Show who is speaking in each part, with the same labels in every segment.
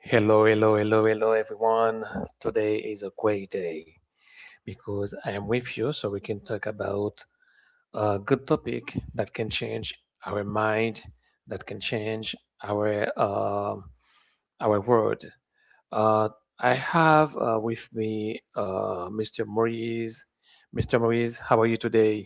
Speaker 1: Hello, hello, hello, hello, everyone. Today is a great day because I am with you so we can talk about a good topic that can change our mind, that can change our um our world. Uh, I have with me Mr. Maurice. Mr. Maurice, how are you today?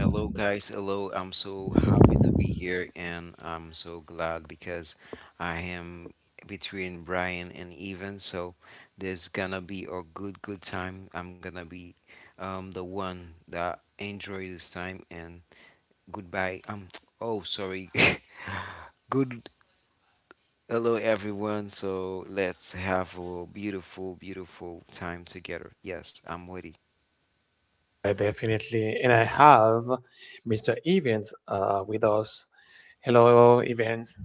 Speaker 2: Hello, guys. Hello. I'm so happy to be here, and I'm so glad because I am between Brian and Evan. So there's gonna be a good time. I'm gonna be the one that enjoy this time and goodbye. Oh, sorry. Good. Hello, everyone. So let's have a beautiful time together. Yes, I'm ready.
Speaker 1: Definitely. And I have Mr. Evans with us. Hello, Evans.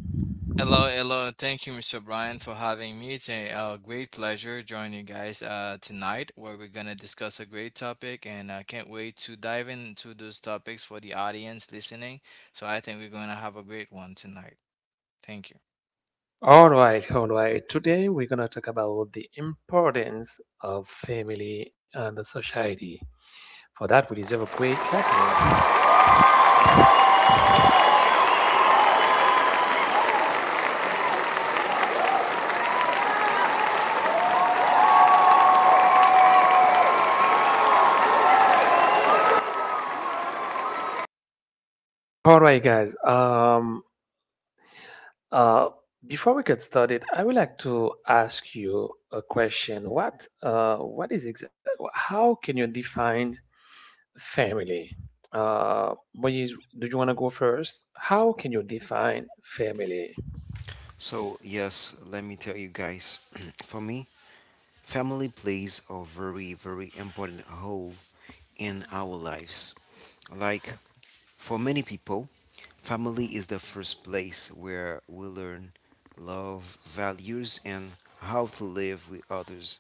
Speaker 3: Hello, hello. Thank you, Mr. Brian, for having me. It's a great pleasure joining you guys tonight, where we're gonna discuss a great topic, and I can't wait to dive into those topics for the audience listening. So I think we're gonna have a great one tonight. Thank you.
Speaker 1: All right, all right. Today we're going to talk about the importance of family and the society. For that, we deserve a great clapping.
Speaker 3: Sure.
Speaker 1: All right, guys. Uh, Before we get started, I would like to ask you a question. How can you define family. Moise, do you want to go first? How can you define family?
Speaker 2: So, yes, let me tell you guys, for me, family plays a very important role in our lives. Like for many people, family is the first place where we learn love, values, and how to live with others.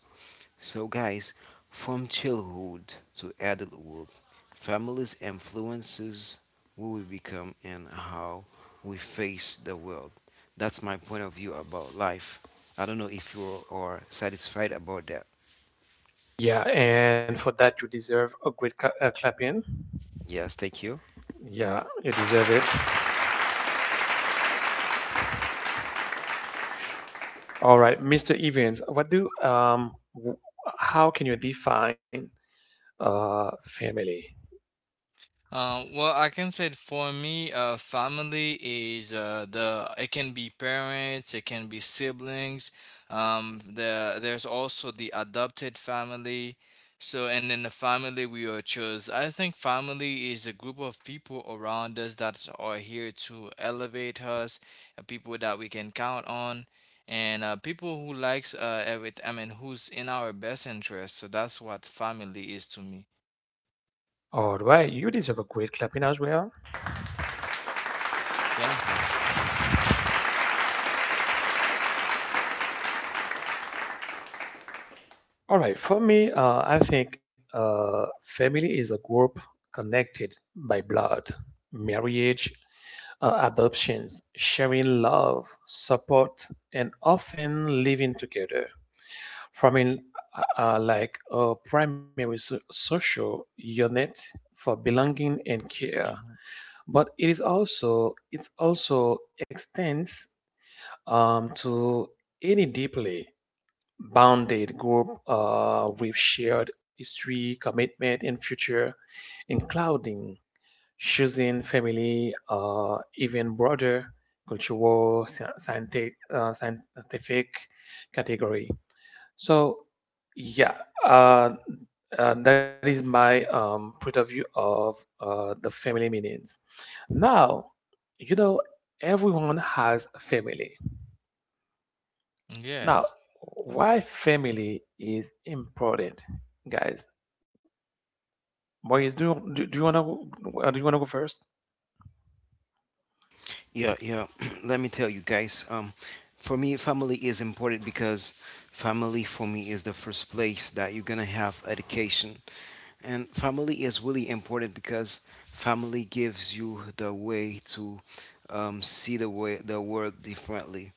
Speaker 2: So, guys, from childhood to adulthood, families influences who we become and how we face the world. That's my point of view about life. I don't know if you are satisfied about that.
Speaker 1: Yeah, and for that, you deserve a great clap in.
Speaker 2: Yes, thank you.
Speaker 1: Yeah, you deserve it. All right, Mr. Evans, how can you define family?
Speaker 3: Well, I can say for me, family is the it can be parents, it can be siblings. There's also the adopted family. So and in the family we are chose. I think family is a group of people around us that are here to elevate us, people that we can count on, and people who likes every I mean who's in our best interest. So that's what family is to me.
Speaker 1: All right, you deserve a great clapping as well.
Speaker 3: Thank you.
Speaker 1: All right, for me, I think family is a group connected by blood, marriage, adoptions, sharing love, support, and often living together, forming like a primary social unit for belonging and care.
Speaker 3: Mhm.
Speaker 1: But it also extends to any deeply bounded group with shared history, commitment, and future, including choosing family or even broader cultural scientific category. So yeah, uh, that is my point of view of the family meanings. Now, you know, everyone has a family. Now,
Speaker 3: Yes.
Speaker 1: why family is important, guys? Boys, do you, do, do you wanna go- do you wanna go first?
Speaker 2: Yeah, yeah. Let me tell you guys. For me, family is important because family for me is the first place that you're gonna have education, and family is really important because family gives you the way to see the way the world differently.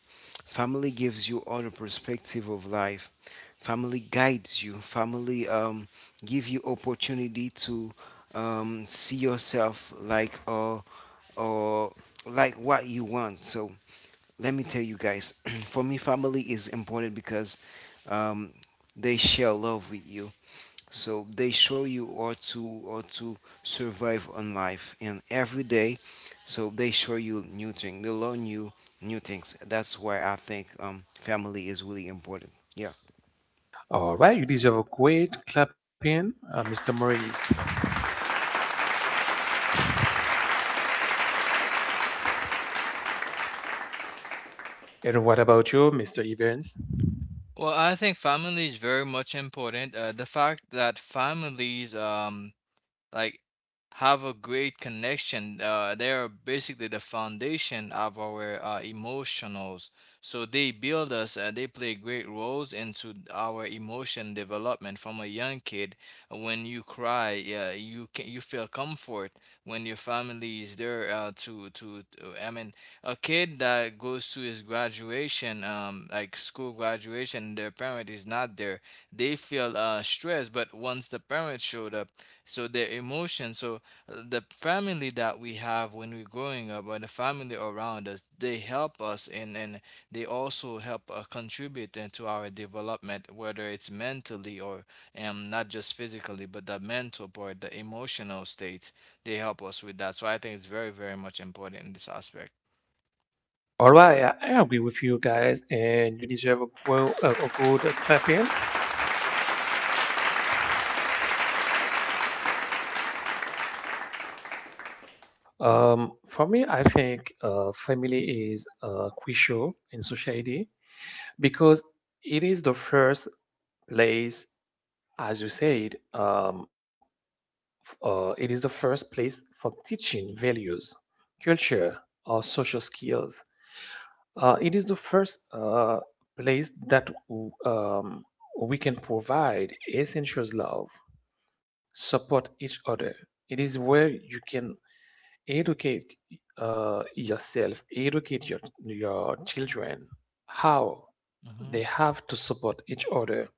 Speaker 2: Family gives you other perspective of life. Family guides you. Family give you opportunity to see yourself like a or like what you want. So let me tell you guys, for me, family is important because um, they share love with you. So they show you how to survive on life and every day. So they show you new things. They learn you new things. That's why I think family is really important. Yeah.
Speaker 1: All right, you deserve a great clapping, Mr. Maurice. And what about you, Mr. Evans?
Speaker 3: Well, I think family is very much important. The fact that families like have a great connection. They are basically the foundation of our emotionals. So they build us. They play great roles into our emotion development. From a young kid, when you cry, you can you feel comfort when your family is there uh, a kid that goes to his graduation, like school graduation, their parent is not there. They feel stressed. But once the parent showed up so their emotions so the family that we have when we're growing up or the family around us they help us and they also help contribute into our development, whether it's mentally or not just physically, but the mental part, the emotional states, they help us with that. So I think it's very, very much important in this aspect.
Speaker 1: All right, I agree with you guys, and you deserve a good clapping. For me, I think family is crucial in society because it is the first place, as you said, it is the first place for teaching values, culture, or social skills. It is the first place that we can provide essential love support each other. It is where you can educate yourself, educate your children how
Speaker 3: Hmm.
Speaker 1: they have to support each other,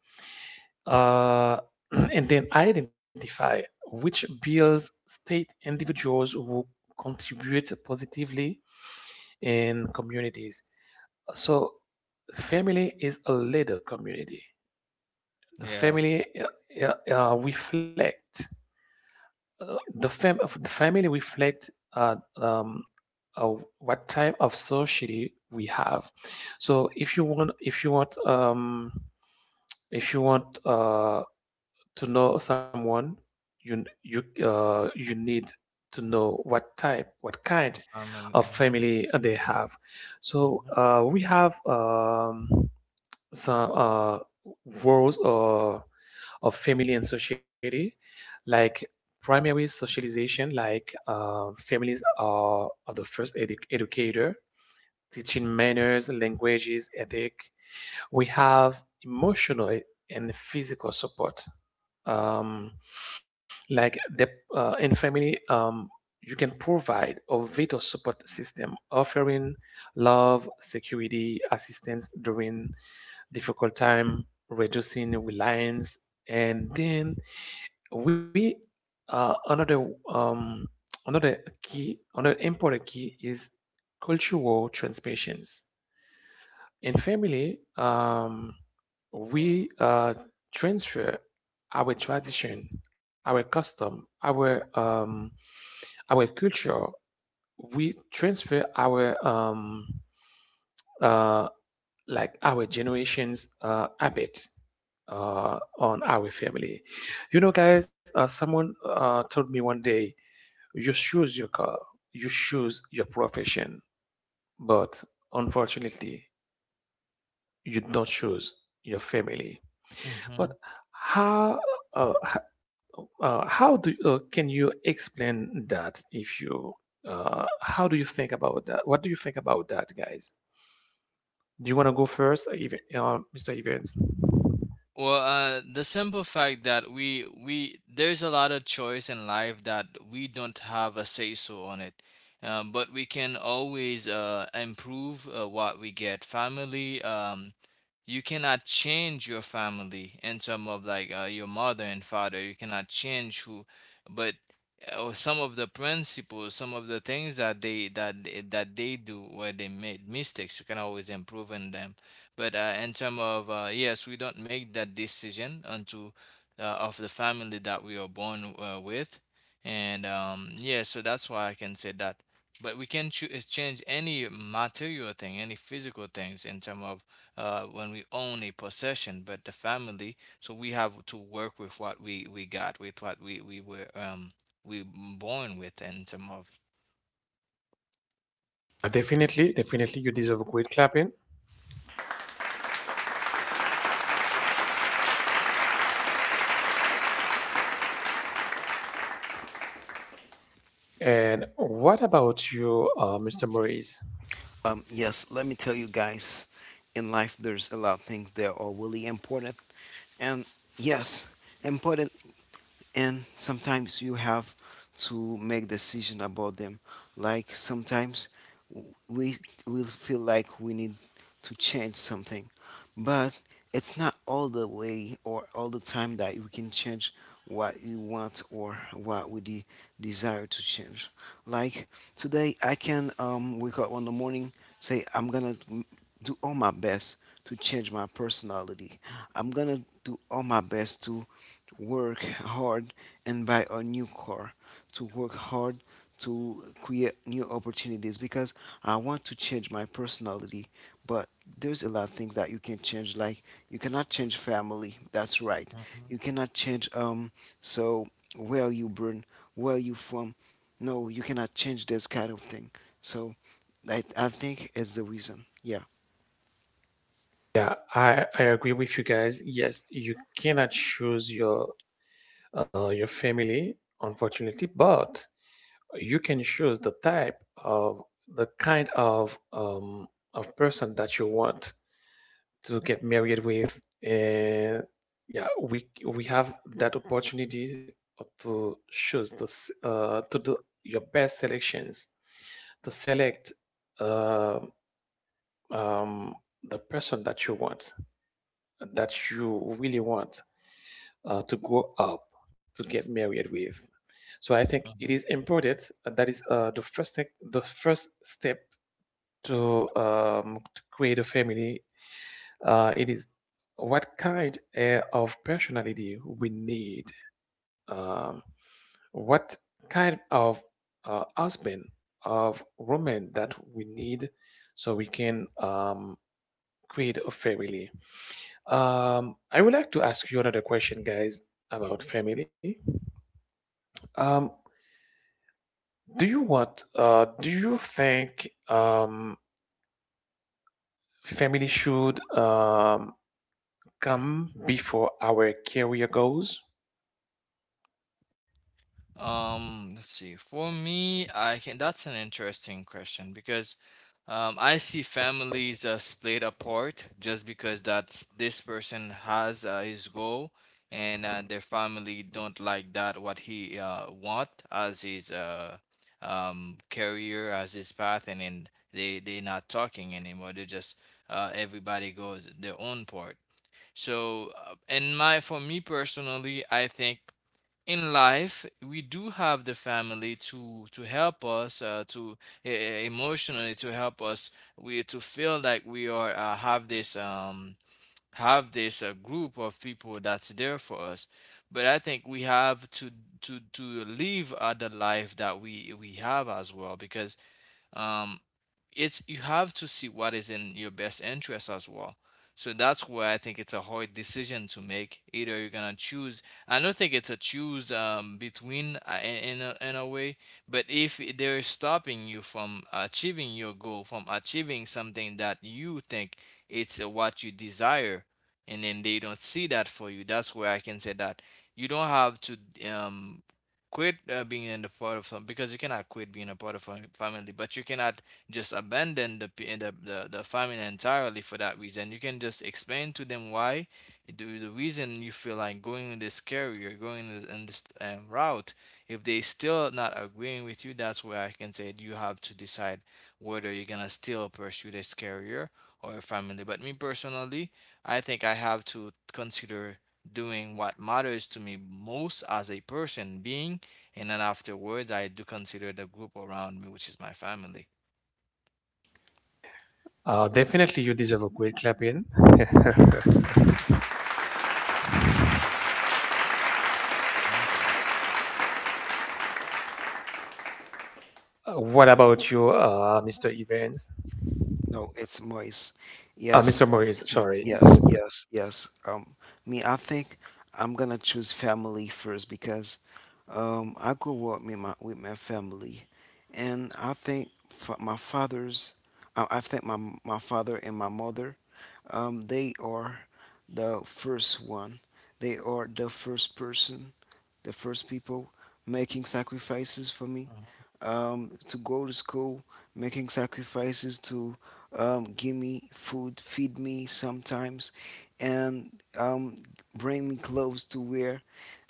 Speaker 1: uh, and then identify which bills state individuals who contribute positively in communities. So, family is a leader community. The
Speaker 3: Yes,
Speaker 1: family reflect the, fam- of the family reflects what type of society we have. So if you want to know someone, you need to know what
Speaker 3: a
Speaker 1: kind
Speaker 3: family.
Speaker 1: of
Speaker 3: Uh-huh.
Speaker 1: family they have. So we have some roles or of family and society, like primary socialization, like families are the first educator, teaching
Speaker 3: Hmm.
Speaker 1: manners, languages, ethic. We have emotional and physical support. Um, like the in family, you can provide a vital support system, offering love, security, assistance during difficult time, reducing reliance, and then we another another key another important key is cultural transmissions in family. We transfer our tradition, our custom, our culture. We transfer our uh, like our generations habits on our family. You know guys, someone told me one day, you choose your car, you choose your profession, but unfortunately, you don't choose your family.
Speaker 3: Hmm.
Speaker 1: But how uh, h- how do can you explain that, if you how do you think about that? What do you think about that, guys? Do you want to go first, Mr. Evans?
Speaker 3: Well, the simple fact that we there's a lot of choice in life that we don't have a say so on it, but we can always improve what we get. Family, you cannot change your family in terms of like your mother and father. You cannot change who, but or some of the principles, some of the things that they do where they made mistakes, you can always improve on them. But in terms of yes, we don't make that decision unto of the family that we are born with. And yeah, so that's why I can say that, but we can choose change any material thing, any physical things in terms of when we own a possession, but the family. So we have to work with what we got, with what we were we born with, and some of.
Speaker 1: Definitely, definitely, you deserve a great clapping. And what about you, Mr. Maurice?
Speaker 2: Yes. Let me tell you guys, in life there's a lot of things that are really important. And yes, important, and sometimes you have to make decision about them. Like sometimes we will feel like we need to change something, but it's not all the way or all the time that we can change what you want or what desire to change. Like today I can wake up in the morning, say I'm gonna do all my best to change my personality. I'm gonna do all my best to work hard and buy a new car, to work hard to create new opportunities because I want to change my personality. But there's a lot of things that you can change. Like you cannot change family, that's right. You cannot change so where you born, where you from. No, you cannot change this kind of thing. So I think it's the reason, yeah.
Speaker 1: Yeah, I agree with you guys. Yes, you cannot choose your family, unfortunately, but you can choose the type of the kind of person that you want to get married with. And yeah, we have that opportunity to choose to do your best selections to select uh, um, the person that you want, that you really want to grow up to get married with. So I think it is important that is the first thing, the first step to create a family. It is what kind of personality we need, um, what kind of husband, of woman that we need so we can create a family. I would like to ask you another question, guys, about family. Um, do you think family should come before our career goals.
Speaker 3: Let's see. For me, I can. That's an interesting question because I see families split apart just because that's this person has his goal and their family don't like that what he want as his career as his path, and then they not talking anymore. They just everybody goes their own part. So, and my for me personally, I think in life we do have the family to help us emotionally to help us, we to feel like we are have this group of people that's there for us. But I think we have to live the life that we have as well, because um it's you have to see what is in your best interest as well. So that's why I think it's a hard decision to make. Either you're gonna choose. I don't think it's a choose between in a way. But if they're stopping you from achieving your goal, from achieving something that you think it's what you desire, and then they don't see that for you, that's where I can say that you don't have to um, quit being in the part of fam- because you cannot quit being a part of family, but you cannot just abandon the, p- the family entirely for that reason. You can just explain to them why the reason you feel like going in this career, going in this route. If they still not agreeing with you, that's where I can say you have to decide whether you're gonna still pursue this career or family. But me personally, I think I have to consider doing what matters to me most as a person being, and then afterwards I do consider the group around me, which is my family.
Speaker 1: Definitely, you deserve a great clap in.
Speaker 3: Thank you.
Speaker 1: What about you, Mr. Evans?
Speaker 2: No, it's moist yes.
Speaker 1: Mr. Morris, sorry.
Speaker 2: Yes, yes, yes. Me, I think I'm gonna choose family first because I grew up with my family, and I think my father's, I think my my father and my mother, they are the first one. They are the first person, the first people making sacrifices for me,
Speaker 3: Uh-huh.
Speaker 2: to go to school, making sacrifices to give me food, feed me sometimes, and um, bring me clothes to wear.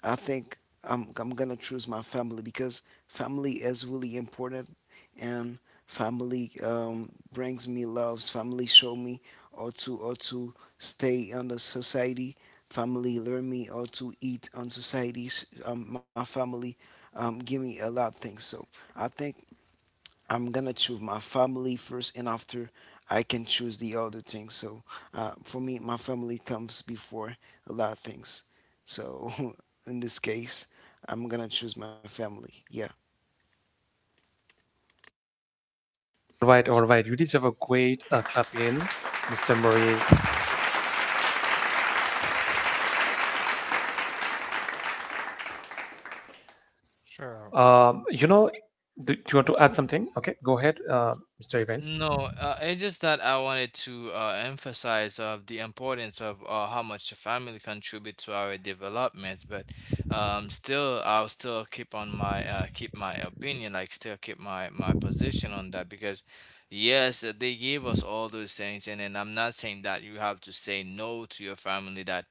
Speaker 2: I think I'm gonna choose my family because family is really important, and family brings me loves. Family show me how to stay on the society. Family learn me how to eat on society. My family give me a lot of things. So I think I'm gonna choose my family first, and after I can choose the other things. So for me, my family comes before a lot of things. So in this case, I'm gonna choose my family. Yeah.
Speaker 1: All right, all right. You deserve a great clap in, Mr. Morris.
Speaker 3: Sure. Uh.
Speaker 1: You know, do, do you want to add something? Okay, go ahead, Mr. Evans.
Speaker 3: No, it's just that I wanted to emphasize of the importance of how much the family contribute to our development. But still, I'll still keep on my keep my opinion, like still keep my position on that because yes, they gave us all those things, and then I'm not saying that you have to say no to your family, that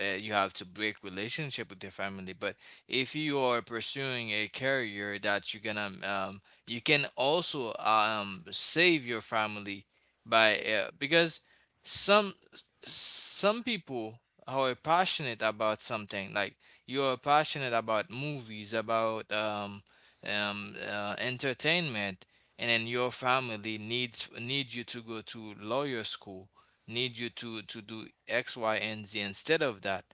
Speaker 3: you have to break relationship with your family. But if you are pursuing a career that you can also save your family by because some some people who are passionate about something, like you are passionate about movies about entertainment, and then your family need you to go to lawyer school, need you to do X, Y, and Z instead of that.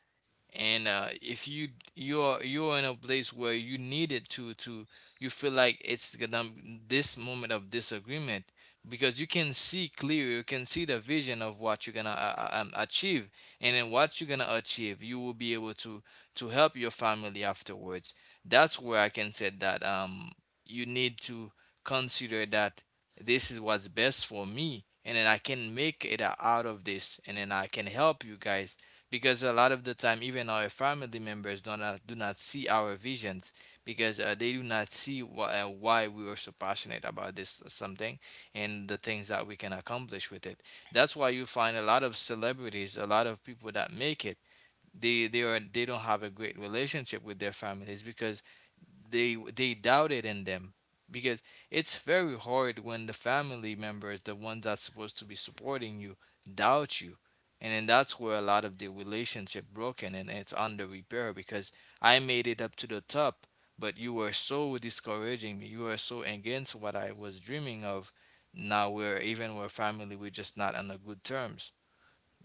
Speaker 3: And if you're in a place where you needed to you feel like it's gonna this moment of disagreement because you can see clear, you can see the vision of what you're gonna achieve, and then what you're gonna achieve you will be able to help your family afterwards. That's where I can say that you need to consider that this is what's best for me, and then I can make it out of this, and then I can help you guys, because a lot of the time even our family members do not see our visions, because they do not see why we are so passionate about this something and the things that we can accomplish with it. That's why you find a lot of celebrities, a lot of people that make it, they are they don't have a great relationship with their families because they doubted in them, because it's very hard when the family members, the ones that's supposed to be supporting you, doubt you. And then that's where a lot of the relationship broken, and it's under repair, because I made it up to the top, but you were so discouraging me, you were so against what I was dreaming of. Now we're even, we're family, we're just not on the good terms.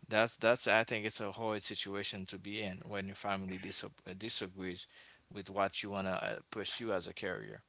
Speaker 3: That's I think it's a hard situation to be in when your family disagrees with what you wanna pursue as a career.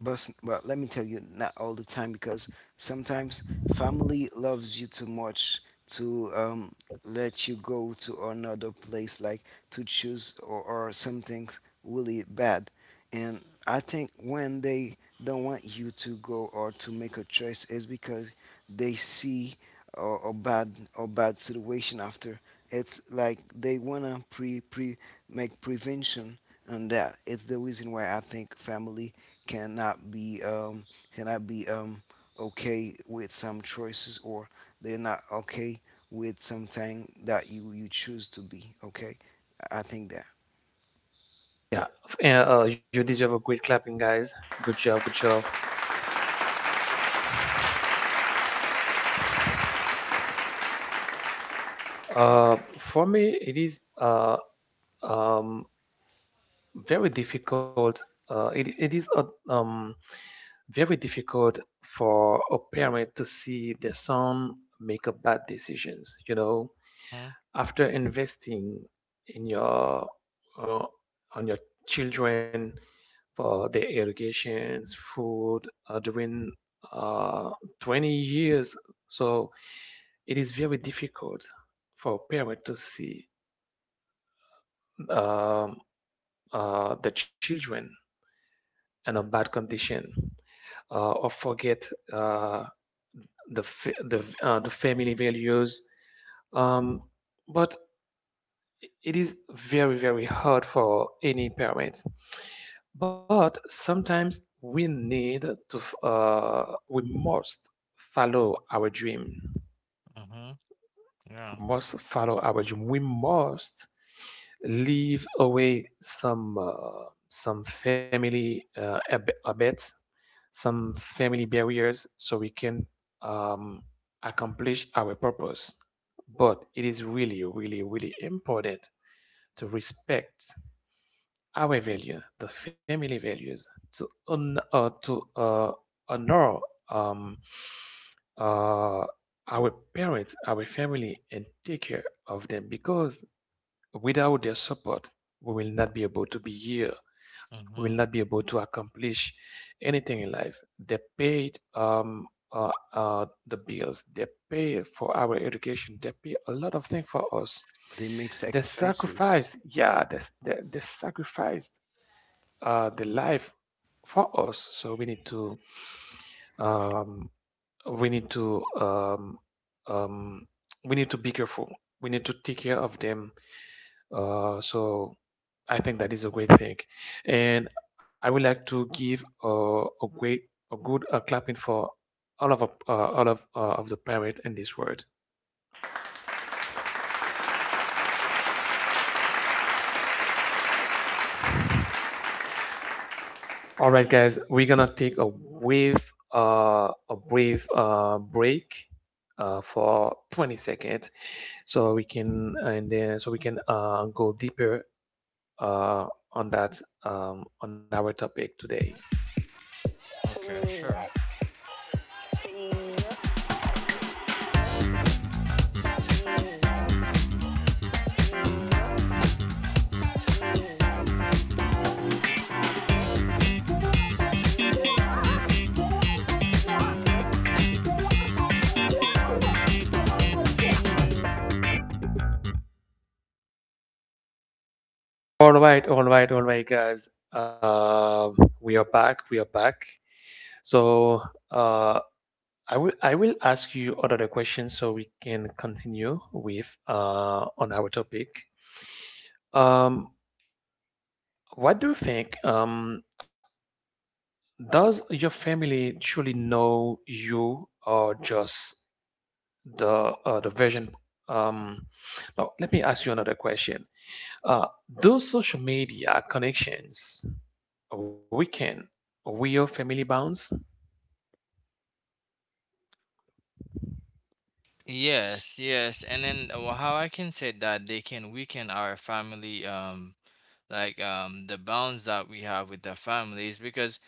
Speaker 2: But let me tell you, not all the time because sometimes family loves you too much to let you go to another place, like to choose or something really bad. And I think when they don't want you to go or to make a choice is because they see a, a bad situation after. It's like they wanna pre pre make prevention on that. It's the reason why I think family cannot be cannot be okay with some choices, or they're not okay with something that you choose to be okay. I think that
Speaker 1: You deserve a great clapping, guys. Good job, good job. For me, it is um, very difficult. It is um, very difficult for a parent to see their son make a bad decisions. You know, after investing in your uh, on your children, for their educations, food during uh, 20 years. So it is very difficult for parents to see um, the children in a bad condition or forget uh, the fa- the v- the family values. Um, but it is very, very hard for any parents. But sometimes we must follow our dream.
Speaker 3: Mm-hmm. Yeah.
Speaker 1: We must follow our dream. We must leave away some family abets, some family barriers, so we can um, accomplish our purpose. But it is really, really, really important to respect our value, the family values, to honor um, uh, our parents, our family, and take care of them because without their support, we will not be able to be here. We will not
Speaker 3: Mm-hmm.
Speaker 1: be able to accomplish anything in life. They paid the bills. They pay for our education. They pay a lot of things for us.
Speaker 2: they make
Speaker 1: They
Speaker 2: sacrifices.
Speaker 1: sacrifice, yeah, they sacrifice the life for us. So we need to um, we need to um, we need to be careful. We need to take care of them. So I think that is a great thing, and I would like to give a great a good clapping for all of the parents in this world. All right, guys, we're gonna take a brief break for 20 seconds so we can and then so we can go deeper uh, on that on our topic today.
Speaker 3: Okay, sure.
Speaker 1: All right, all right, all right, guys. We are back, we are back. So uh, I will ask you another question so we can continue with on our topic. um, what do you think, does your family truly know you or just the version. um Now let me ask you another question. Those social media connections weaken real family bonds?
Speaker 3: Yes, yes. And then how I can say that they can weaken our family, like the bonds that we have with the families, because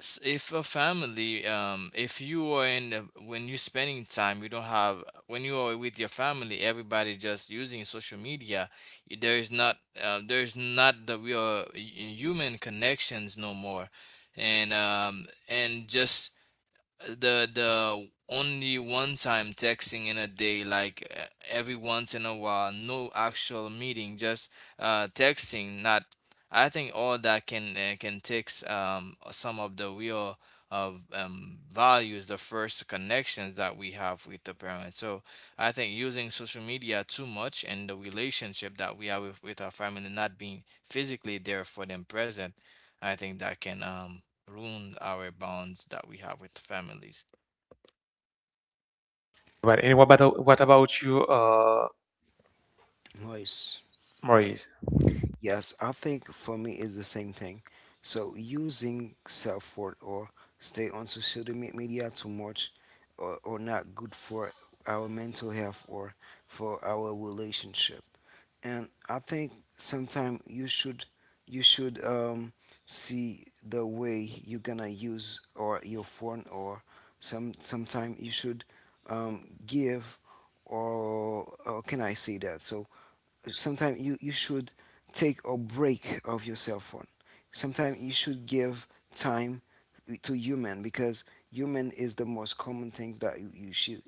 Speaker 3: if a family if you are in a, when you're spending time you don't have when you are with your family everybody just using social media, there is not the real human connections no more, and just the only one time texting in a day, like every once in a while, no actual meeting, just texting, not. I think all that can take some of the real of values, the first connections that we have with the parents. So I think using social media too much, and the relationship that we have with our family not being physically there for them present, I think that can ruin our bonds that we have with families.
Speaker 1: But and what about you,
Speaker 2: Nice.
Speaker 1: Maurice?
Speaker 2: Yes, I think for me it's the same thing. So using self-worth or stay on social media too much, or not good for our mental health or for our relationship. And I think sometimes you should see the way you're gonna use or your phone, or some sometime you should give, or can I say that? So sometimes you should take a break of your cell phone. Sometimes you should give time to human because human is the most common things that you should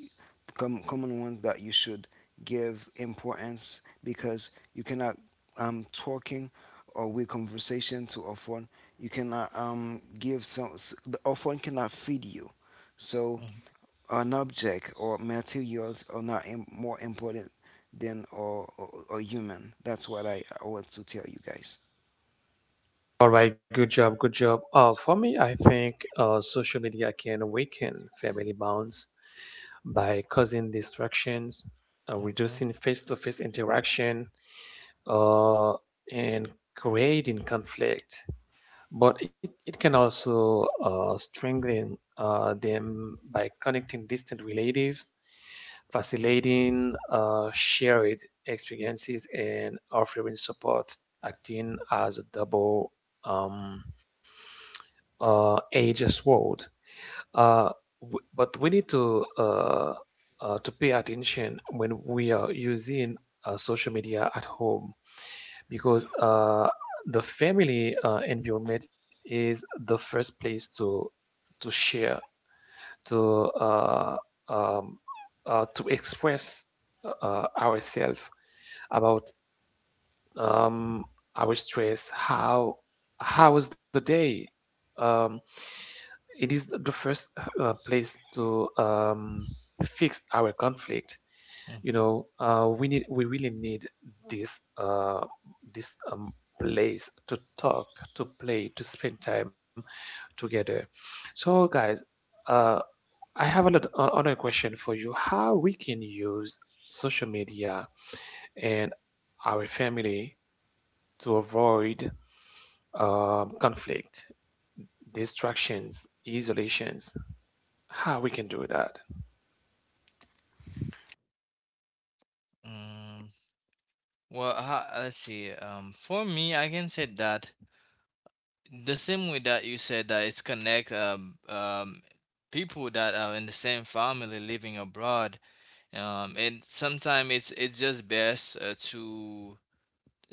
Speaker 2: common ones that you should give importance because you cannot talking or with conversation to a phone. You cannot give some, the phone cannot feed you. So
Speaker 3: Mhm,
Speaker 2: an object or materials are not more important than or, human. That's what I want to tell you guys.
Speaker 1: All right, good job, good job. Uh for me, I think social media can weaken family bonds by causing distractions, reducing face-to-face interaction, uh and creating conflict. But it can also strengthen them by connecting distant relatives, facilitating shared experiences, and offering support, acting as a double um, edged sword. Uh, but we need to pay attention when we are using social media at home because the family environment is the first place to share to uh, um, to express ourselves about um, our stress, how was the day. um, it is the first place to fix our conflict. You
Speaker 3: mhm.
Speaker 1: know, we need we really need this uh, this place to talk, to play, to spend time together. So, guys, uh, I have a lot, another question for you. How we can use social media and our family to avoid conflict, distractions, isolations? How we can do that.
Speaker 3: Um, let's see. For me, I can say that the same way that you said that it's connect people that are in the same family living abroad. And sometimes it's just best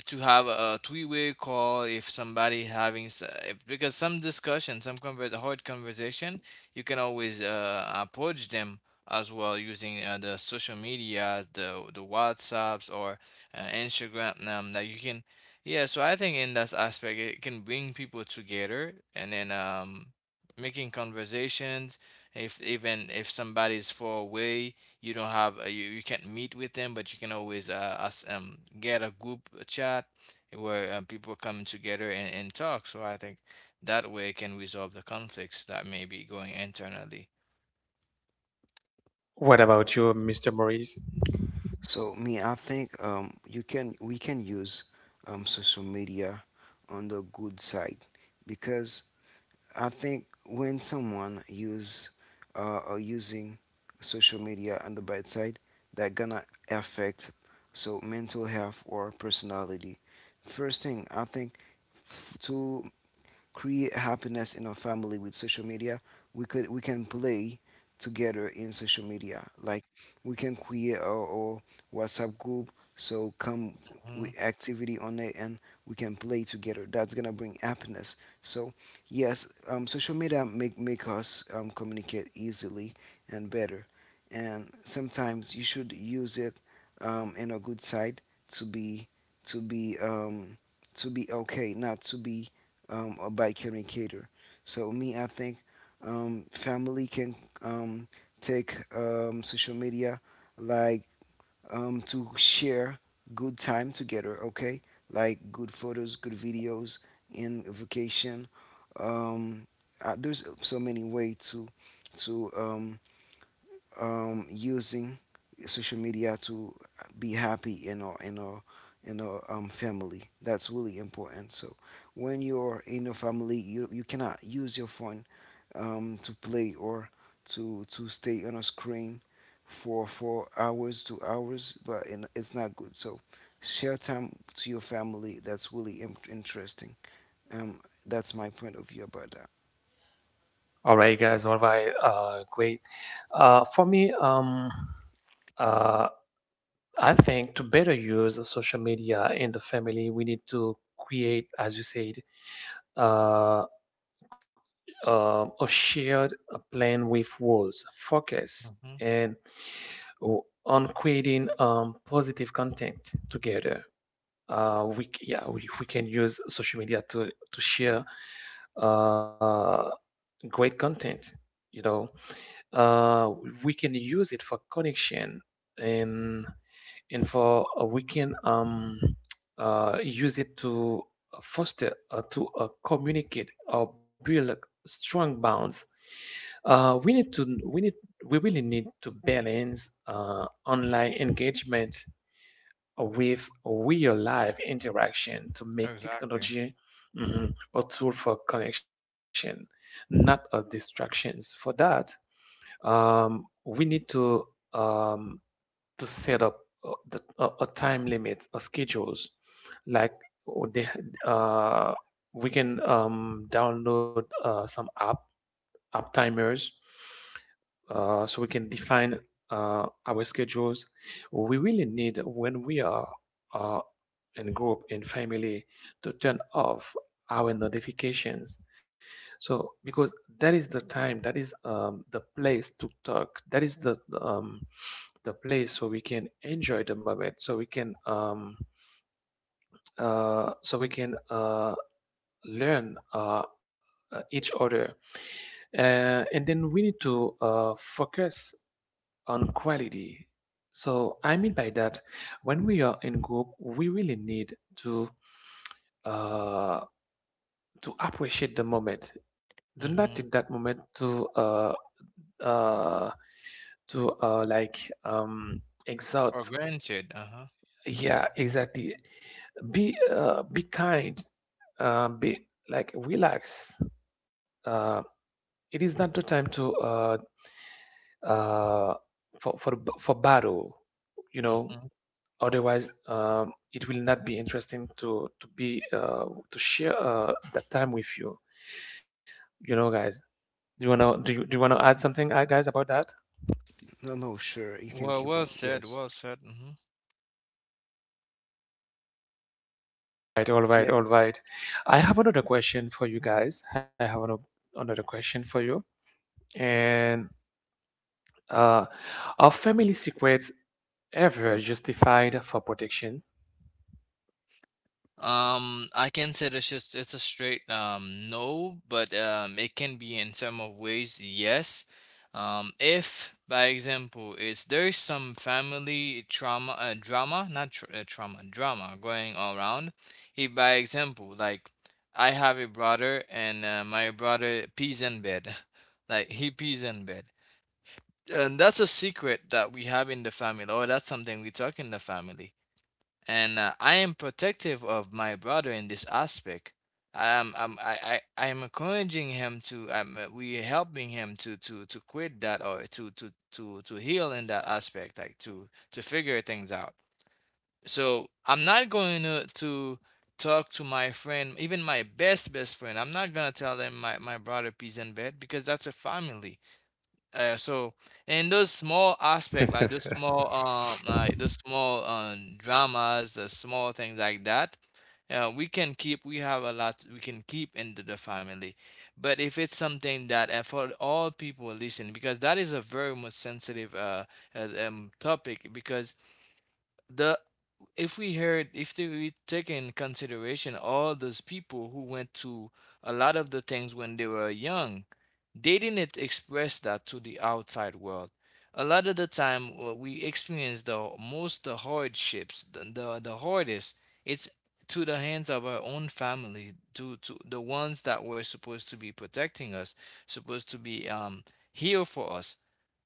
Speaker 3: to have a three-way call if somebody having if, because some discussion some hard conversation you can always approach them as well using the social media, the WhatsApps, or Instagram, that you can yeah so I think in that aspect, it can bring people together, and then making conversations, if even if somebody's far away, you don't have you can't meet with them, but you can always us get a group chat where people come together and, talk. So I think that way can resolve the conflicts that may be going internally.
Speaker 1: What about you, Mr. Maurice?
Speaker 2: So me, I think you can we can use social media on the good side because I think when someone use or using social media on the bad side, that gonna affect so mental health or personality. First thing I think to create happiness in a family with social media, we could we can play together in social media. Like we can create our WhatsApp group. So come
Speaker 3: Hmm.
Speaker 2: with activity on it, and we can play together. That's gonna bring happiness. So yes, social media make us communicate easily and better. And sometimes you should use it in a good side to be to be um, to be okay, not to be by Kevin. So me, I think family can um, take social media like to share good time together. Okay, like good photos, good videos in vacation. Um, there's so many way to to um, using social media to be happy in our in our in our family. That's really important. So when you're in your family, you cannot use your phone to play or to stay on a screen for hours to hours. But in, it's not good. So share time to your family. That's really interesting. Um, that's my point of view about that.
Speaker 1: All right, guys. All right. Great. For me, uh, I think to better use the social media in the family, we need to create, as you said, uh, or shared a plan with walls, focus,
Speaker 3: Hmm.
Speaker 1: and on creating positive content together. We, yeah, we can use social media to share uh, great content you know uh, we can use it for connection and and for we can use it to foster to communicate or build strong bonds. We need to we need we really need to balance online engagement with real life interaction to make
Speaker 3: Exactly.
Speaker 1: technology mhm, a tool for connection, not a distractions. For that, we need um, to set up a time limit, a schedules, like uh, they, uh, we can download some app uptimers, so we can define our schedules. We really need, when we are uh, in group in family, to turn off our notifications, so because that is the time, that is the place to talk, that is um, the place, so we can enjoy the moment, so we can learn each other. And then we need to focus on quality. So I mean by that, when we are in group, we really need uh, to appreciate the moment. Do not take that
Speaker 3: Hmm.
Speaker 1: moment uh, to, like,
Speaker 3: Or
Speaker 1: exalt.
Speaker 3: granted. Uh-huh.
Speaker 1: Yeah, exactly. Be kind. Be like relax. Uh, it is not the time to uh, for battle, you know.
Speaker 3: Hmm.
Speaker 1: Otherwise, it will not be interesting to be to share that time with you. You know, guys. Do you wanna add something, guys, about that?
Speaker 2: No, no, sure, you can
Speaker 3: well
Speaker 2: keep
Speaker 3: well
Speaker 2: on.
Speaker 3: said,
Speaker 2: Yes.
Speaker 3: well said. Hmm.
Speaker 1: Right, all right,
Speaker 2: Yeah.
Speaker 1: all right. I have another question for you guys. I have another question for you, and Uh, are family secrets ever justified for protection?
Speaker 3: I can say it's just it's a straight no, but it can be in some of ways yes. If by example, it's there is some family trauma, drama, not tr trauma, drama going all around. If by example, like I have a brother and my brother pees in bed, like he pees in bed, and that's a secret that we have in the family, or that's something we talk in the family, and I am protective of my brother in this aspect. I am I'm, I am encouraging him to we helping him to quit that or to to heal in that aspect, like to figure things out. So I'm not going to talk to my friend, even my best friend. I'm not gonna tell them my brother pees in bed, because that's a family. So in those small aspect, like the small dramas, the small things like that, we can keep we have a lot we can keep into the family. But if it's something that for all people listen, because that is a very much sensitive topic, because the if we heard if we take in consideration all those people who went to a lot of the things when they were young, they didn't express that to the outside world. A lot of the time, we experience the most, the hardships, the, the hardest, it's to the hands of our own family, to the ones that were supposed to be protecting us, supposed to be here for us,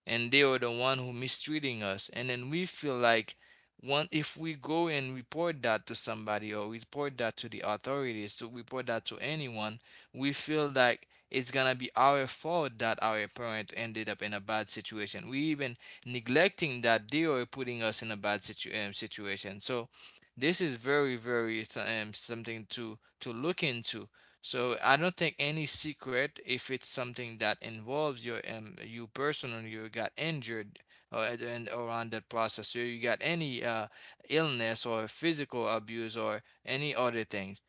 Speaker 3: and they are the one who mistreating us. And then we feel like, one, if we go and report that to somebody or report that to the authorities, to report that to anyone, we feel like it's gonna be our fault that our parent ended up in a bad situation. We even neglecting that they are putting us in a bad situation. So this is very something to look into. So I don't think any secret, if it's something that involves your you personally, you got injured, or and around that process, or you got any illness or physical abuse or any other things,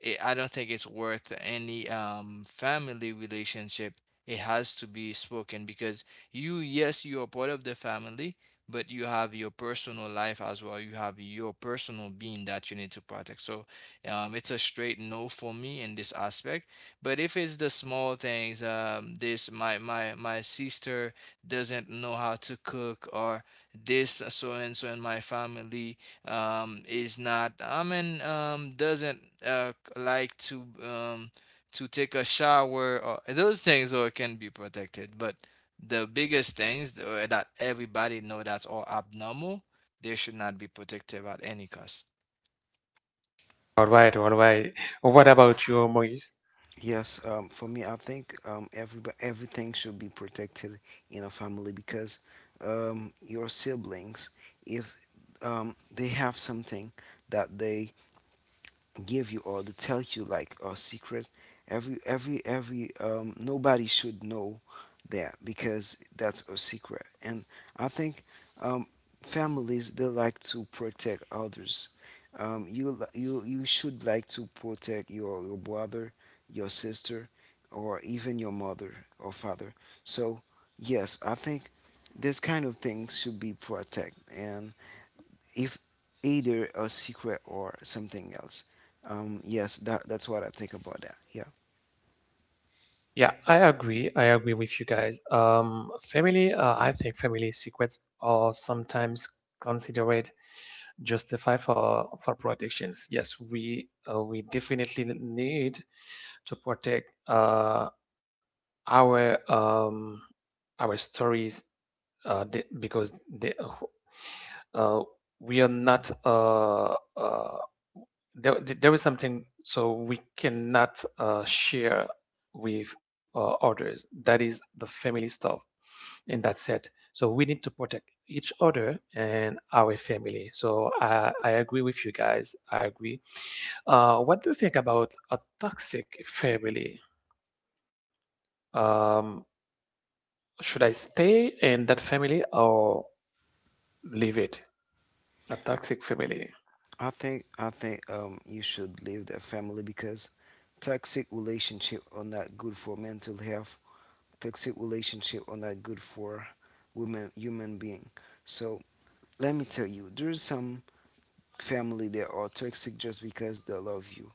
Speaker 3: it, I don't think it's worth any family relationship. It has to be spoken, because you, yes, you are part of the family, but you have your personal life as well. You have your personal being that you need to protect. So, it's a straight no for me in this aspect. But if it's the small things, this my sister doesn't know how to cook, or this so and so in my family is not, doesn't like to take a shower, or those things, or can be protected. But the biggest things, that everybody know that's all abnormal, they should not be protected at any cost.
Speaker 1: All right, all right. What about you, Moise?
Speaker 2: Yes, for me, I think every everything should be protected in a family because your siblings, if they have something that they give you or to tell you like a secret, every nobody should know that because that's a secret. And I think um families they like to protect others. You you you should like to protect your brother, your sister, or even your mother or father. So yes, I think this kind of thing should be protected, and if either a secret or something else. Yes, that that's what I think about that. Yeah,
Speaker 1: Yeah, I agree. I agree with you guys. Family, I think family secrets are sometimes considered justified for protections. Yes, we definitely need to protect. Our um our stories, they, because they, uh we are not there is something, so we cannot share with others. That is the family stuff in that set. So we need to protect each other and our family so I agree with you guys. I agree. What do you think about a toxic family? um should I stay in that family or leave it? A toxic family.
Speaker 2: I think you should leave the family because toxic relationship are not good for mental health. Toxic relationship are not good for women human being. So let me tell you, there's some family that are toxic just because they love you,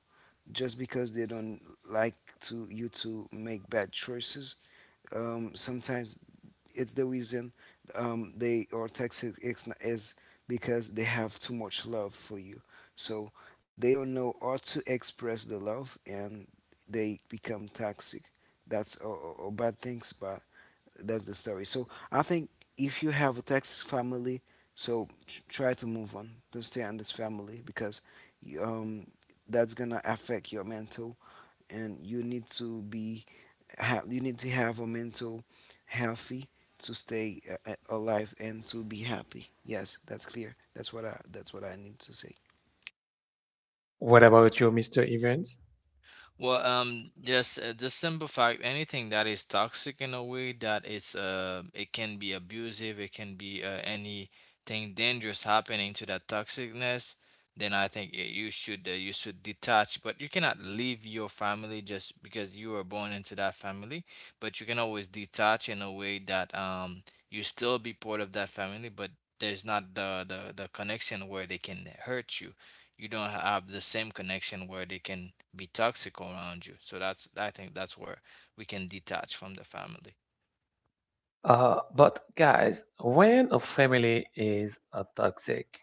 Speaker 2: just because they don't like to you to make bad choices. Sometimes it's the reason they are toxic is because they have too much love for you. So they don't know how to express the love, and they become toxic. That's all a bad things, but that's the story. So I think if you have a toxic family, so try to move on. Don't stay on this family because um that's gonna affect your mental, and you need to be you need to have a mental healthy to stay alive and to be happy. Yes, that's clear. That's what I need to say.
Speaker 1: What about you, Mr. Evans?
Speaker 3: Well, just simplify anything that is toxic in a way that it's it can be abusive, it can be anything dangerous happening to that toxicness. Then I think you should detach, but you cannot leave your family just because you were born into that family. But you can always detach in a way that you still be part of that family, but there's not the connection where they can hurt you. You don't have the same connection where they can be toxic around you. So that's I think that's where we can detach from the family.
Speaker 1: But guys, when a family is toxic,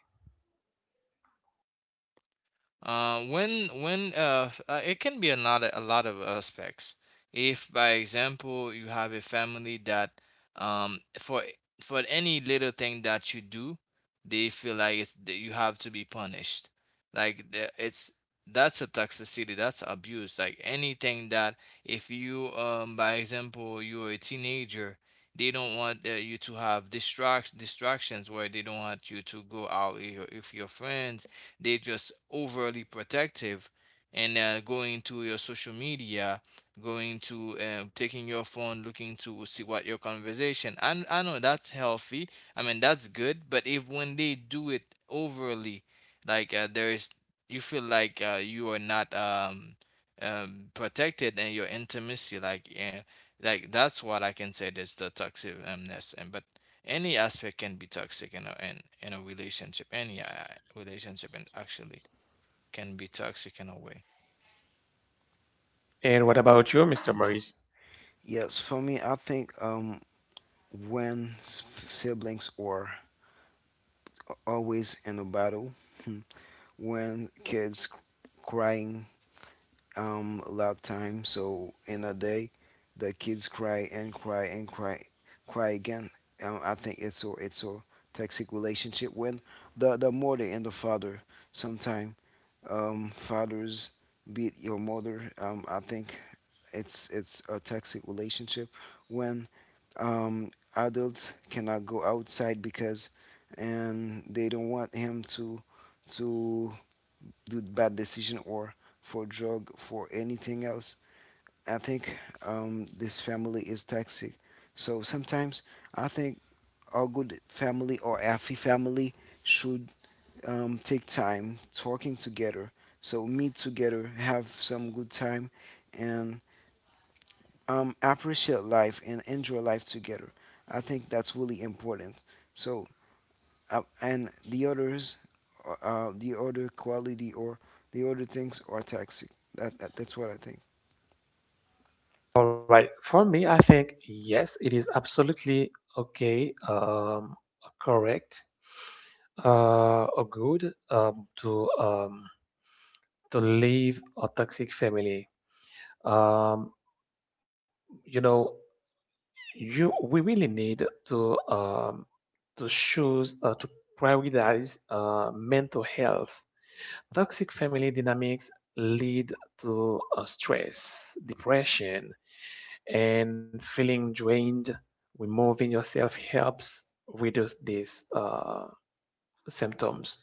Speaker 3: It can be a lot of aspects. If, by example, you have a family that um for for any little thing that you do, they feel like it's that you have to be punished. It's that's a toxicity, that's abuse. Like anything that, if you by example you're a teenager, they don't want you to have distractions, where they don't want you to go out with your friends. They are just overly protective, and going to your social media, going to taking your phone, looking to see what your conversation. I know that's healthy. I mean, that's good. But if when they do it overly, like there is, you feel like you are not protected and your intimacy, like yeah, like that's what I can say. That's the toxic ness. And but any aspect can be toxic in in a relationship, any relationship, and actually, can be toxic in a way.
Speaker 1: and what about you, Mr. Maurice?
Speaker 2: Yes, for me, I think when siblings are always in a battle. When kids crying a lot time so in a day, the kids cry and cry and cry, cry again. I think it's a toxic relationship. When the mother and the father sometime fathers beat your mother, I think it's a toxic relationship. When adults cannot go outside because and they don't want him to do bad decision or for drug for anything else, I think this family is toxic. So sometimes I think a good family or happy family should take time talking together, so meet together, have some good time and appreciate life and enjoy life together. I think that's really important. So and the others, the other quality or the other things are toxic. That's what I think.
Speaker 1: All right, for me, I think yes, it is absolutely okay, correct, or good to leave a toxic family. Um, you know, you We really need to to choose, to prioritize mental health. Toxic family dynamics lead to stress, depression, and feeling drained. Removing yourself helps reduce these symptoms.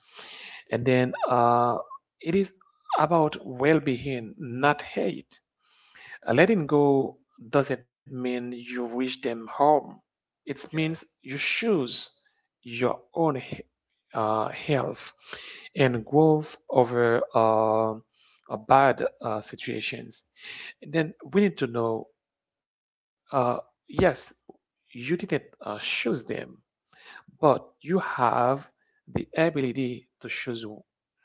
Speaker 1: And then it is about well-being, not hate. Letting go doesn't mean you wish them harm. It means
Speaker 3: Yeah,
Speaker 1: you choose your own health and growth over bad situations. And then we need to know, uh, yes, you didn't choose them, but you have the ability to choose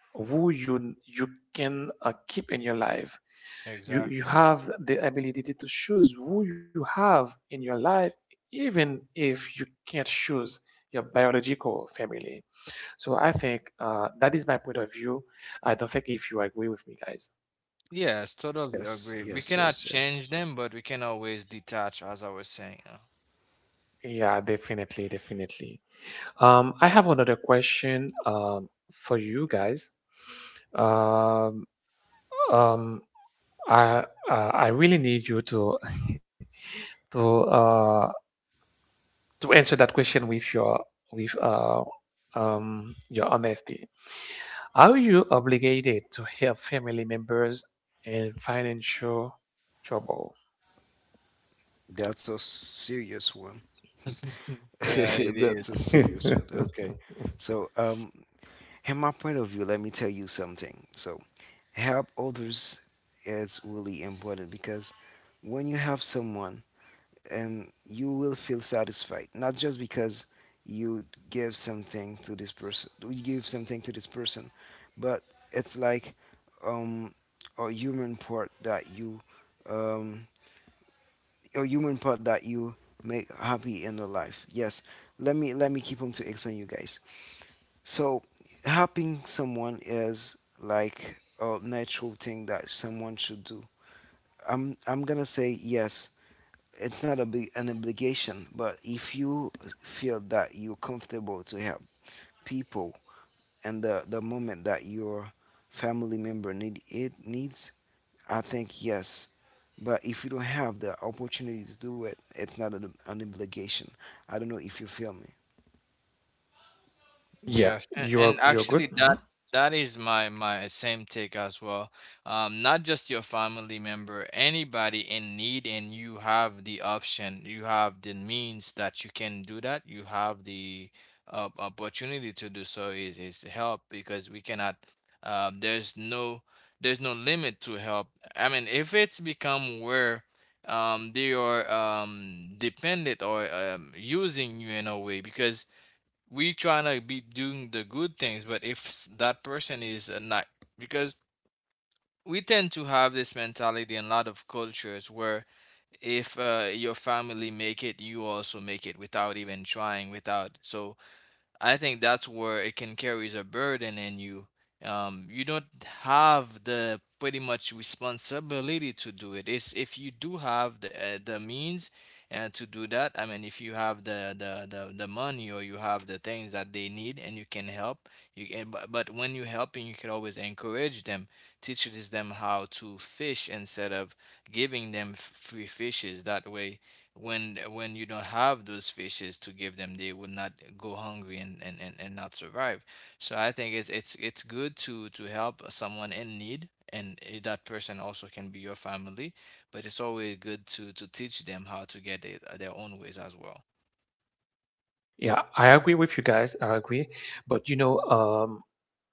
Speaker 1: who you can keep in your life. You
Speaker 3: exactly.
Speaker 1: have the ability to choose who you have in your life, even if you can't choose your biological family. So I think that is my point of view. I don't think if you agree with me, guys.
Speaker 3: Yes, totally
Speaker 2: Yes,
Speaker 3: agree. We
Speaker 2: yes,
Speaker 3: cannot
Speaker 2: yes,
Speaker 3: change
Speaker 2: yes.
Speaker 3: them, but we can always detach, as I was saying, uh.
Speaker 1: Yeah, definitely, definitely. I have another question, for you guys. Um um i uh, i really need you to to uh to answer that question with your, with uh, honesty. Are you obligated to help family members in financial trouble?
Speaker 2: That's a serious one.
Speaker 3: Yeah, it is.
Speaker 2: That's a serious one. Okay. So, in my point of view, let me tell you something. So, help others is really important because when you help someone, and you will feel satisfied not just because you give something to this person you give something to this person but it's like um a human part that you um a human part that you make happy in the life. Yes, let me keep on to explain you guys. So helping someone is like a natural thing that someone should do. I'm gonna say yes, it's not a big, an obligation, but if you feel that you're comfortable to help people and the moment that your family member needs, I think yes. But if you don't have the opportunity to do it, it's not an obligation. I don't know if you feel me.
Speaker 1: Yeah,
Speaker 3: Yes, and,
Speaker 1: you're you're good.
Speaker 3: actually
Speaker 1: Mhm.
Speaker 3: that that is my same take as well. Not just your family member, anybody in need, and you have the option, you have the means that you can do that. You have the opportunity to do so, is help, because we cannot. Um, there's no there's no limit to help. I mean, if it's become where they are dependent or using you in a way, because we trying to be doing the good things, but if that person is a not, because we tend to have this mentality in a lot of cultures where if your family make it, you also make it without even trying, without. So I think that's where it can carry a burden in you. You don't have the pretty much responsibility to do it. It's if you do have the means and to do that. I mean, if you have the, the money, or you have the things that they need and you can help, you can. But when you helping, you can always encourage them, teaches them how to fish instead of giving them free fishes. That way, when you don't have those fishes to give them, they will not go hungry and, and not survive. So I think it's good to help someone in need, and eh, that person also can be your family. But it's always good to teach them how to get it their own ways as well.
Speaker 1: Yeah, I agree with you guys. I agree, but you know, um,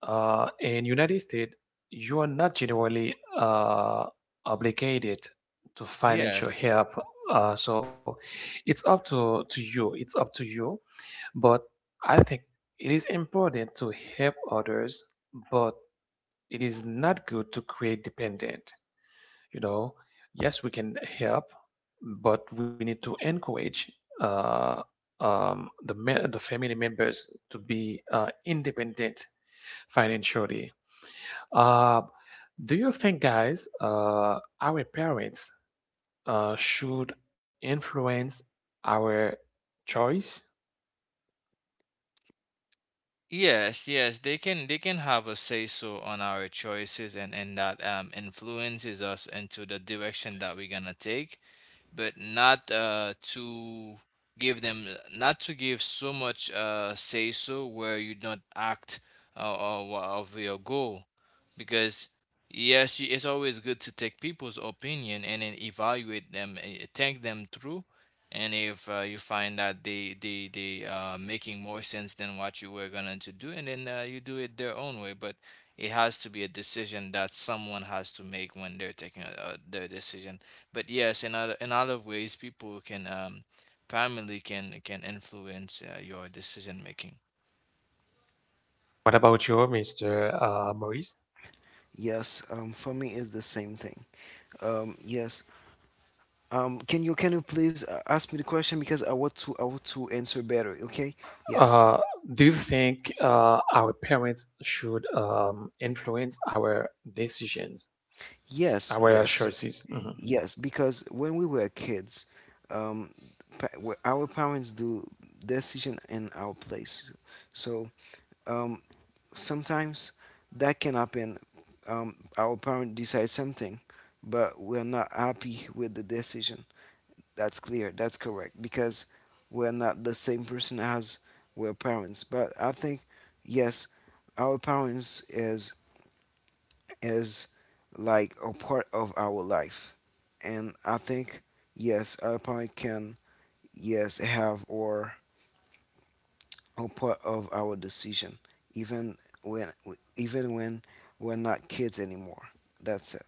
Speaker 1: uh, in United States, you are not generally obligated to
Speaker 3: yes
Speaker 1: financial help. So it's up to you. It's up to you. But I think it is important to help others, but it is not good to create dependent. You know, yes, we can help, but we need to encourage uh, the family members to be independent financially. Uh, do you think, guys, our parents should influence our choice?
Speaker 3: yes yes they can, they can have a say so on our choices, and that influences us into the direction that we're gonna take. But not to give them, not to give so much say so where you don't act uh, of your goal, because yes you- it's always good to take people's opinion, and then evaluate them, think them through. And if you find that they are making more sense than what you were going to do, and then you do it their own way. But it has to be a decision that someone has to make when they're taking their decision. But yes, in other ways, people can family can influence your decision making.
Speaker 1: What about you, Mr. Maurice?
Speaker 2: Yes, for me it's the same thing. Um, yes. Can you please ask me the question because I want to answer better. Okay. Yes.
Speaker 1: Uh, do you think our parents should influence our decisions,
Speaker 2: Yes.
Speaker 1: our
Speaker 2: Yes.
Speaker 1: choices? Mhm.
Speaker 2: Yes, because when we were kids, um, our parents do decision in our place. So um, sometimes that can happen. Our parent decides something, but we're not happy with the decision. That's clear. That's correct because we're not the same person as we're parents. But I think yes, our parents is like a part of our life. And I think, yes, alpine can, yes, have or a part of our decision, even when even when we're not kids anymore. That's it.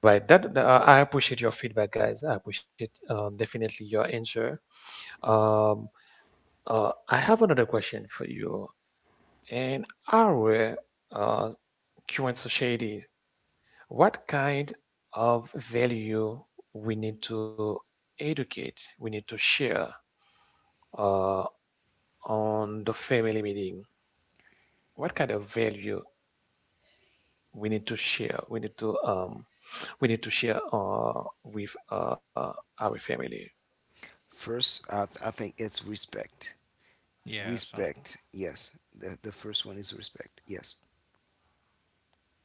Speaker 1: Right. I appreciate your feedback, guys. I appreciate, definitely, your answer. Um, I have another question for you. In our uh, current society, what kind of value we need to educate, we need to share uh, on the family meeting? What kind of value we need to share we need to share with our family.
Speaker 2: First, I I think it's respect.
Speaker 3: Yes.
Speaker 2: Respect, yes. The first one is respect, yes.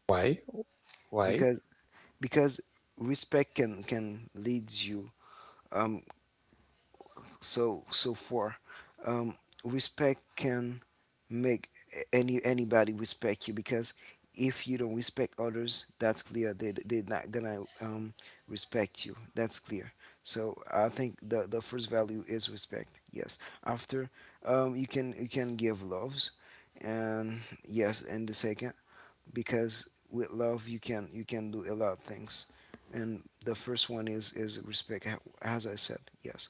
Speaker 1: Why? Why?
Speaker 2: Because because respect can leads you um so so far, um, respect can make any anybody respect you because if you don't respect others, that's clear. They they're not gonna respect you. That's clear. So I think the first value is respect. Yes. After, you can give loves, and yes, and the second because with love you can do a lot of things, and the first one is respect. As I said, yes.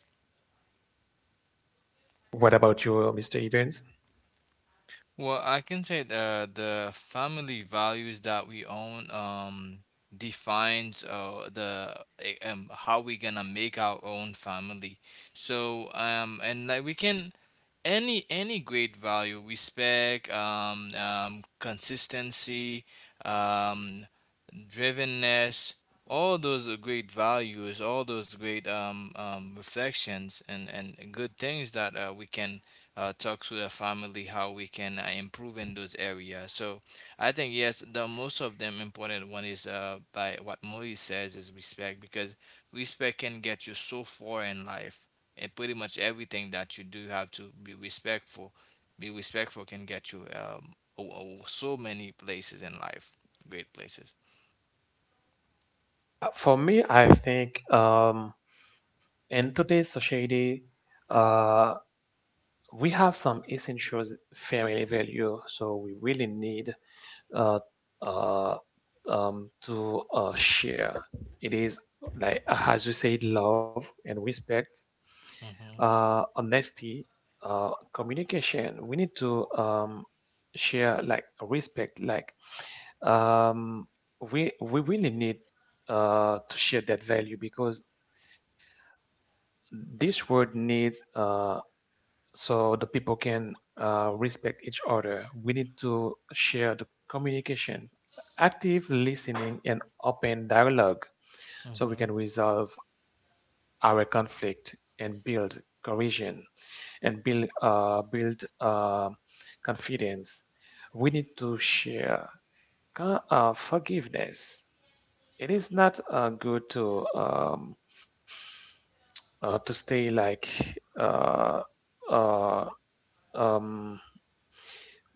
Speaker 1: What about you, Mr. Evans?
Speaker 3: Well, I can say the family values that we own defines how we gonna make our own family. So and like we can any great value, respect, consistency, um drivenness. All those are great values, all those great reflections and good things that we can talk to the family how we can improve in those areas. So I think yes, the most of them important one is by what Moise says, is respect, because respect can get you so far in life. And pretty much everything that you do, you have to be respectful. Be respectful can get you so many places in life, great places.
Speaker 1: For me, I think in today's society, uh we have some essential family value, so we really need uh, uh, to share. It is, like as you said, love and respect,
Speaker 3: Mm-hmm.
Speaker 1: honesty, communication. We need to share like respect. Like, um, we really need to share that value, because this world needs so the people can respect each other. We need to share the communication, active listening, and open dialogue, so we
Speaker 3: Mm-hmm.
Speaker 1: can resolve our conflict and build cohesion and build confidence. We need to share forgiveness. It is not good to stay, like uh, uh, um,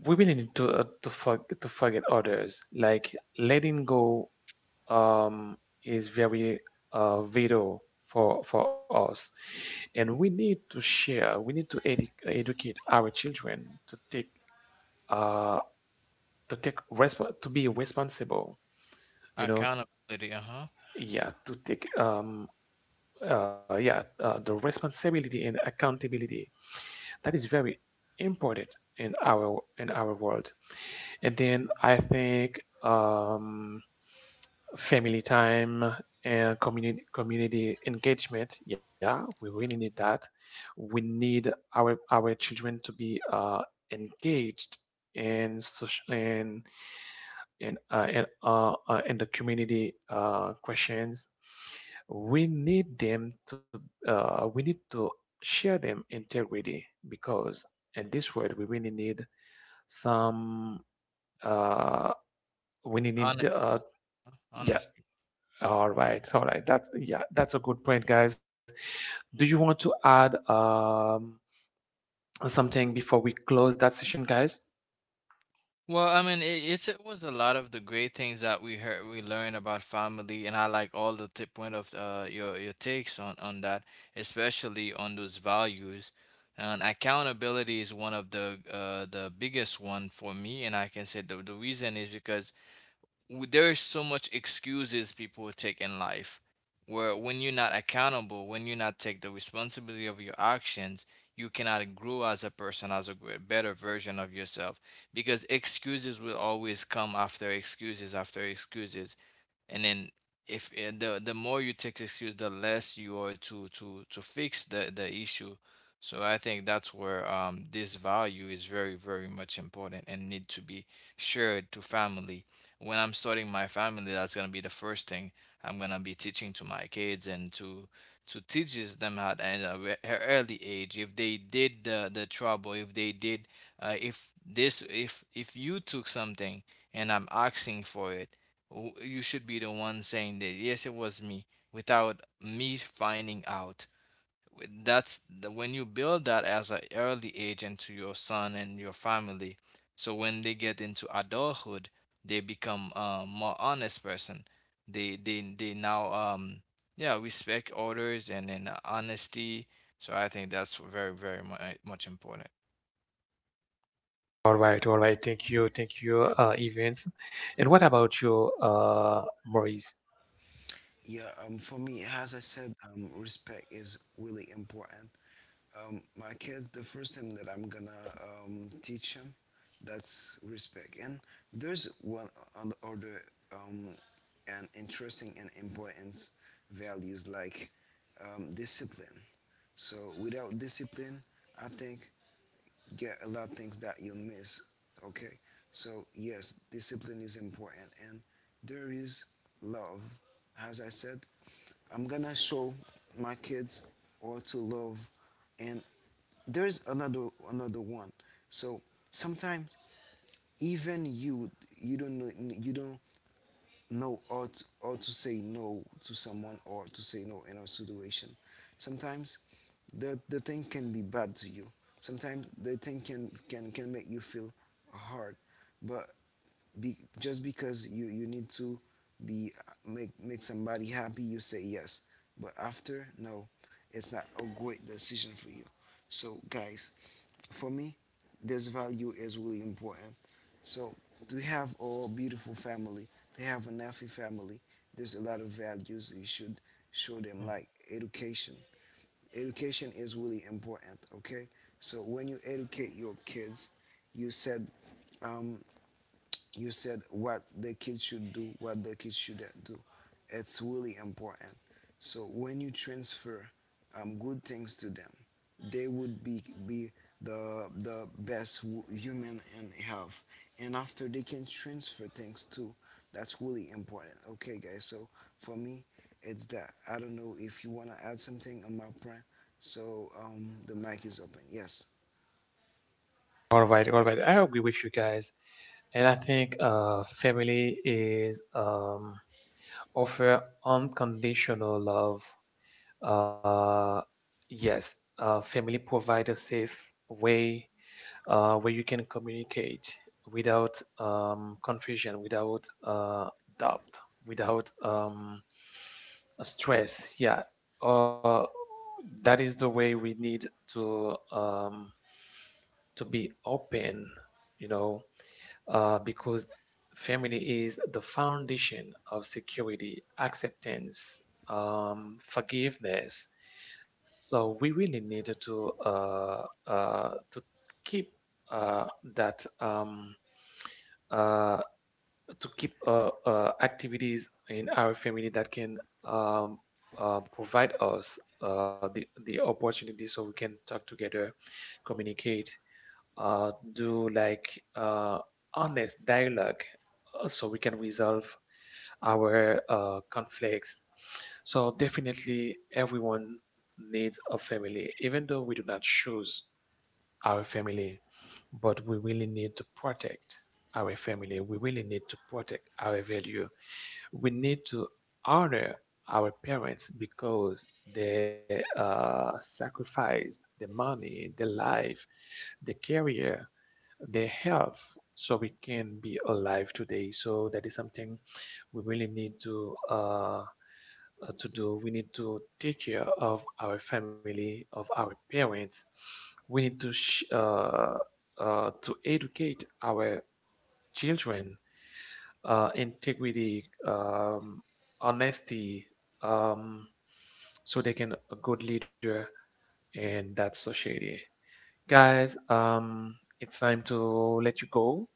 Speaker 1: we really need to forget others. Like, letting go um, is very vital for us, and we need to share. We need to educate our children uh, to be responsible. You know,
Speaker 3: Accountability. Uh huh.
Speaker 1: yeah, to take yeah the responsibility and accountability. That is very important in our world. And then I think. Family time and community engagement, yeah, we really need that. We need our children to be engaged in social and in the community questions. We need them to we need to share them integrity, because in this world we really need some, uh, we need
Speaker 3: Honest.
Speaker 1: yeah.
Speaker 3: Honest.
Speaker 1: All right, all right. That's yeah, that's a good point, guys. Do you want to add something before we close that session, guys?
Speaker 3: Well, I mean, it, it's it was a lot of the great things that we heard, we learned about family, and I like all the tip point of your takes on that, especially on those values. And accountability is one of the biggest one for me, and I can say the reason is because there is so much excuses people take in life where when you're not accountable, when you not take the responsibility of your actions, you cannot grow as a person, as a better version of yourself, because excuses will always come after excuses after excuses. And then if the the more you take excuse, the less you are to fix the issue. So I think that's where this value is very much important, and need to be shared to family. When I'm starting my family, that's going to be the first thing I'm going to be teaching to my kids, and to teaches them at an early age. If they did the trouble, if they did if this if you took something and I'm asking for it, you should be the one saying that yes it was me, without me finding out. That's the, when you build that as an early age into your son and your family, so when they get into adulthood, they become a more honest person. They now yeah, respect orders, and then honesty. So I think that's very much important.
Speaker 1: All right, all right. Thank you,
Speaker 2: Yes.
Speaker 1: Evans. And what about you, Maurice?
Speaker 2: Yeah, for me, as I said, respect is really important. My kids, the first thing that I'm gonna teach them, that's respect. And there's one on the order um, and interesting and important values like discipline. So without discipline, I think get a lot of things that you miss. Okay, so yes, discipline is important, and there is love. As I said, I'm gonna show my kids all to love, and there's another one. So sometimes even you you don't know you don't no or to, or to say no to someone or to say no in a situation sometimes the thing can be bad to you sometimes the thing can can make you feel hard but be, just because you need to be make make somebody happy you say yes but after no it's not a great decision for you. So guys, for me, this value is really important. So to have a beautiful family, to have an healthy family, there's a lot of values you should show them, like education. Education is really important. Okay, so when you educate your kids, you said um, you said what the kids should do, what the kids shouldn't do. It's really important. So when you transfer good things to them, they would be the best human and health. And after they can transfer things too. That's really important. Okay, guys. So for me, it's that. I don't know if you wanna add something on my plan. So the mic is open. Yes.
Speaker 1: All right, all right. I agree with you guys, and I think family is, offer unconditional love. Uh, yes, family provide a safe way where you can communicate without confusion, without doubt, without stress. Yeah, uh, that is the way we need to um, to be open. You know, because family is the foundation of security, acceptance, forgiveness. So we really need to keep uh, that uh, to keep activities in our family that can um, provide us the opportunity, so we can talk together, communicate, do like honest dialogue, so we can resolve our conflicts. So definitely everyone needs a family, even though we do not choose our family, but we really need to protect our family. We really need to protect our value. We need to honor our parents, because they sacrificed their money, their life, their career they have, so we can be alive today. So that is something we really need to do. We need to take care of our family, of our parents. We need to educate our children integrity, honesty, um, so they can a good leader in that society, guys. It's time to let you go.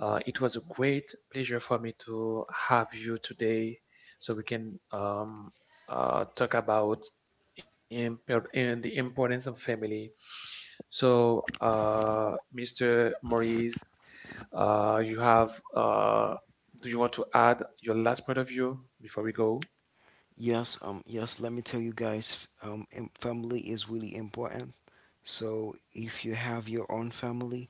Speaker 1: It was a great pleasure for me to have you today, so we can talk about impor- and the importance of family. So, Mr. Maurice, uh, you have, uh, do you want to add your last point of view before we go?
Speaker 2: Yes, yes, let me tell you guys, family is really important. So if you have your own family,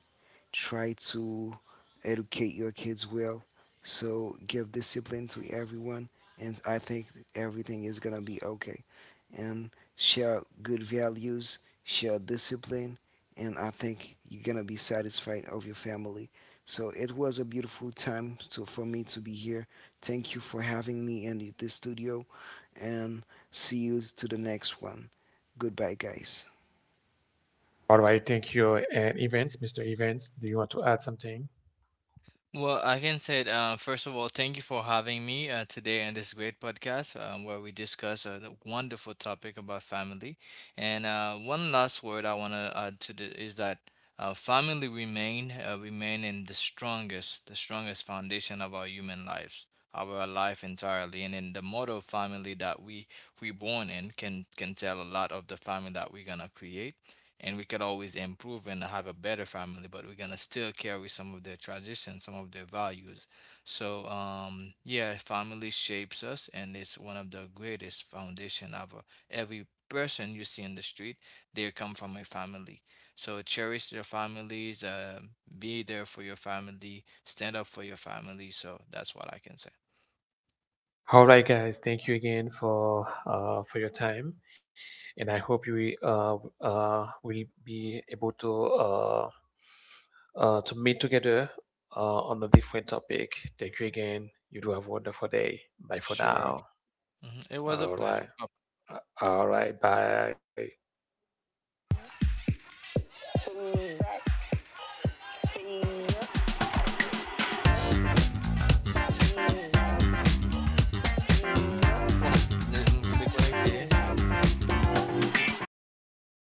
Speaker 2: try to educate your kids well. So give discipline to everyone, and I think everything is gonna be okay. And share good values, share discipline, and I think you're gonna be satisfied of your family. So it was a beautiful time to, for me to be here. Thank you for having me in the this studio and see you to the next one. Goodbye, guys.
Speaker 1: All right, thank you. And Evans, Mr. Evans, do you want to add something?
Speaker 3: Well, I can say, it, first of all, thank you for having me today on this great podcast where we discuss a wonderful topic about family. And one last word I want to add to the is that family remain remain in the strongest, the strongest foundation of our human lives, of our life entirely. And in the model family that we born in, can tell a lot of the family that we're gonna create. And we could always improve and have a better family, but we're gonna still carry some of their traditions, some of their values. So yeah, family shapes us, and it's one of the greatest foundation ever. Every person you see in the street, they come from a family. So cherish your families, be there for your family, stand up for your family. So that's what I can say.
Speaker 1: All right, guys. Thank you again for your time, and I hope you will be able to meet together on a different topic. Thank you again. You do have a wonderful day. Bye for
Speaker 3: Sure.
Speaker 1: now.
Speaker 3: Mhm. It was a
Speaker 1: All
Speaker 3: pleasure.
Speaker 1: right.
Speaker 3: Oh,
Speaker 1: All right. Bye.
Speaker 3: well, de, me déconnecter, hein, c'est-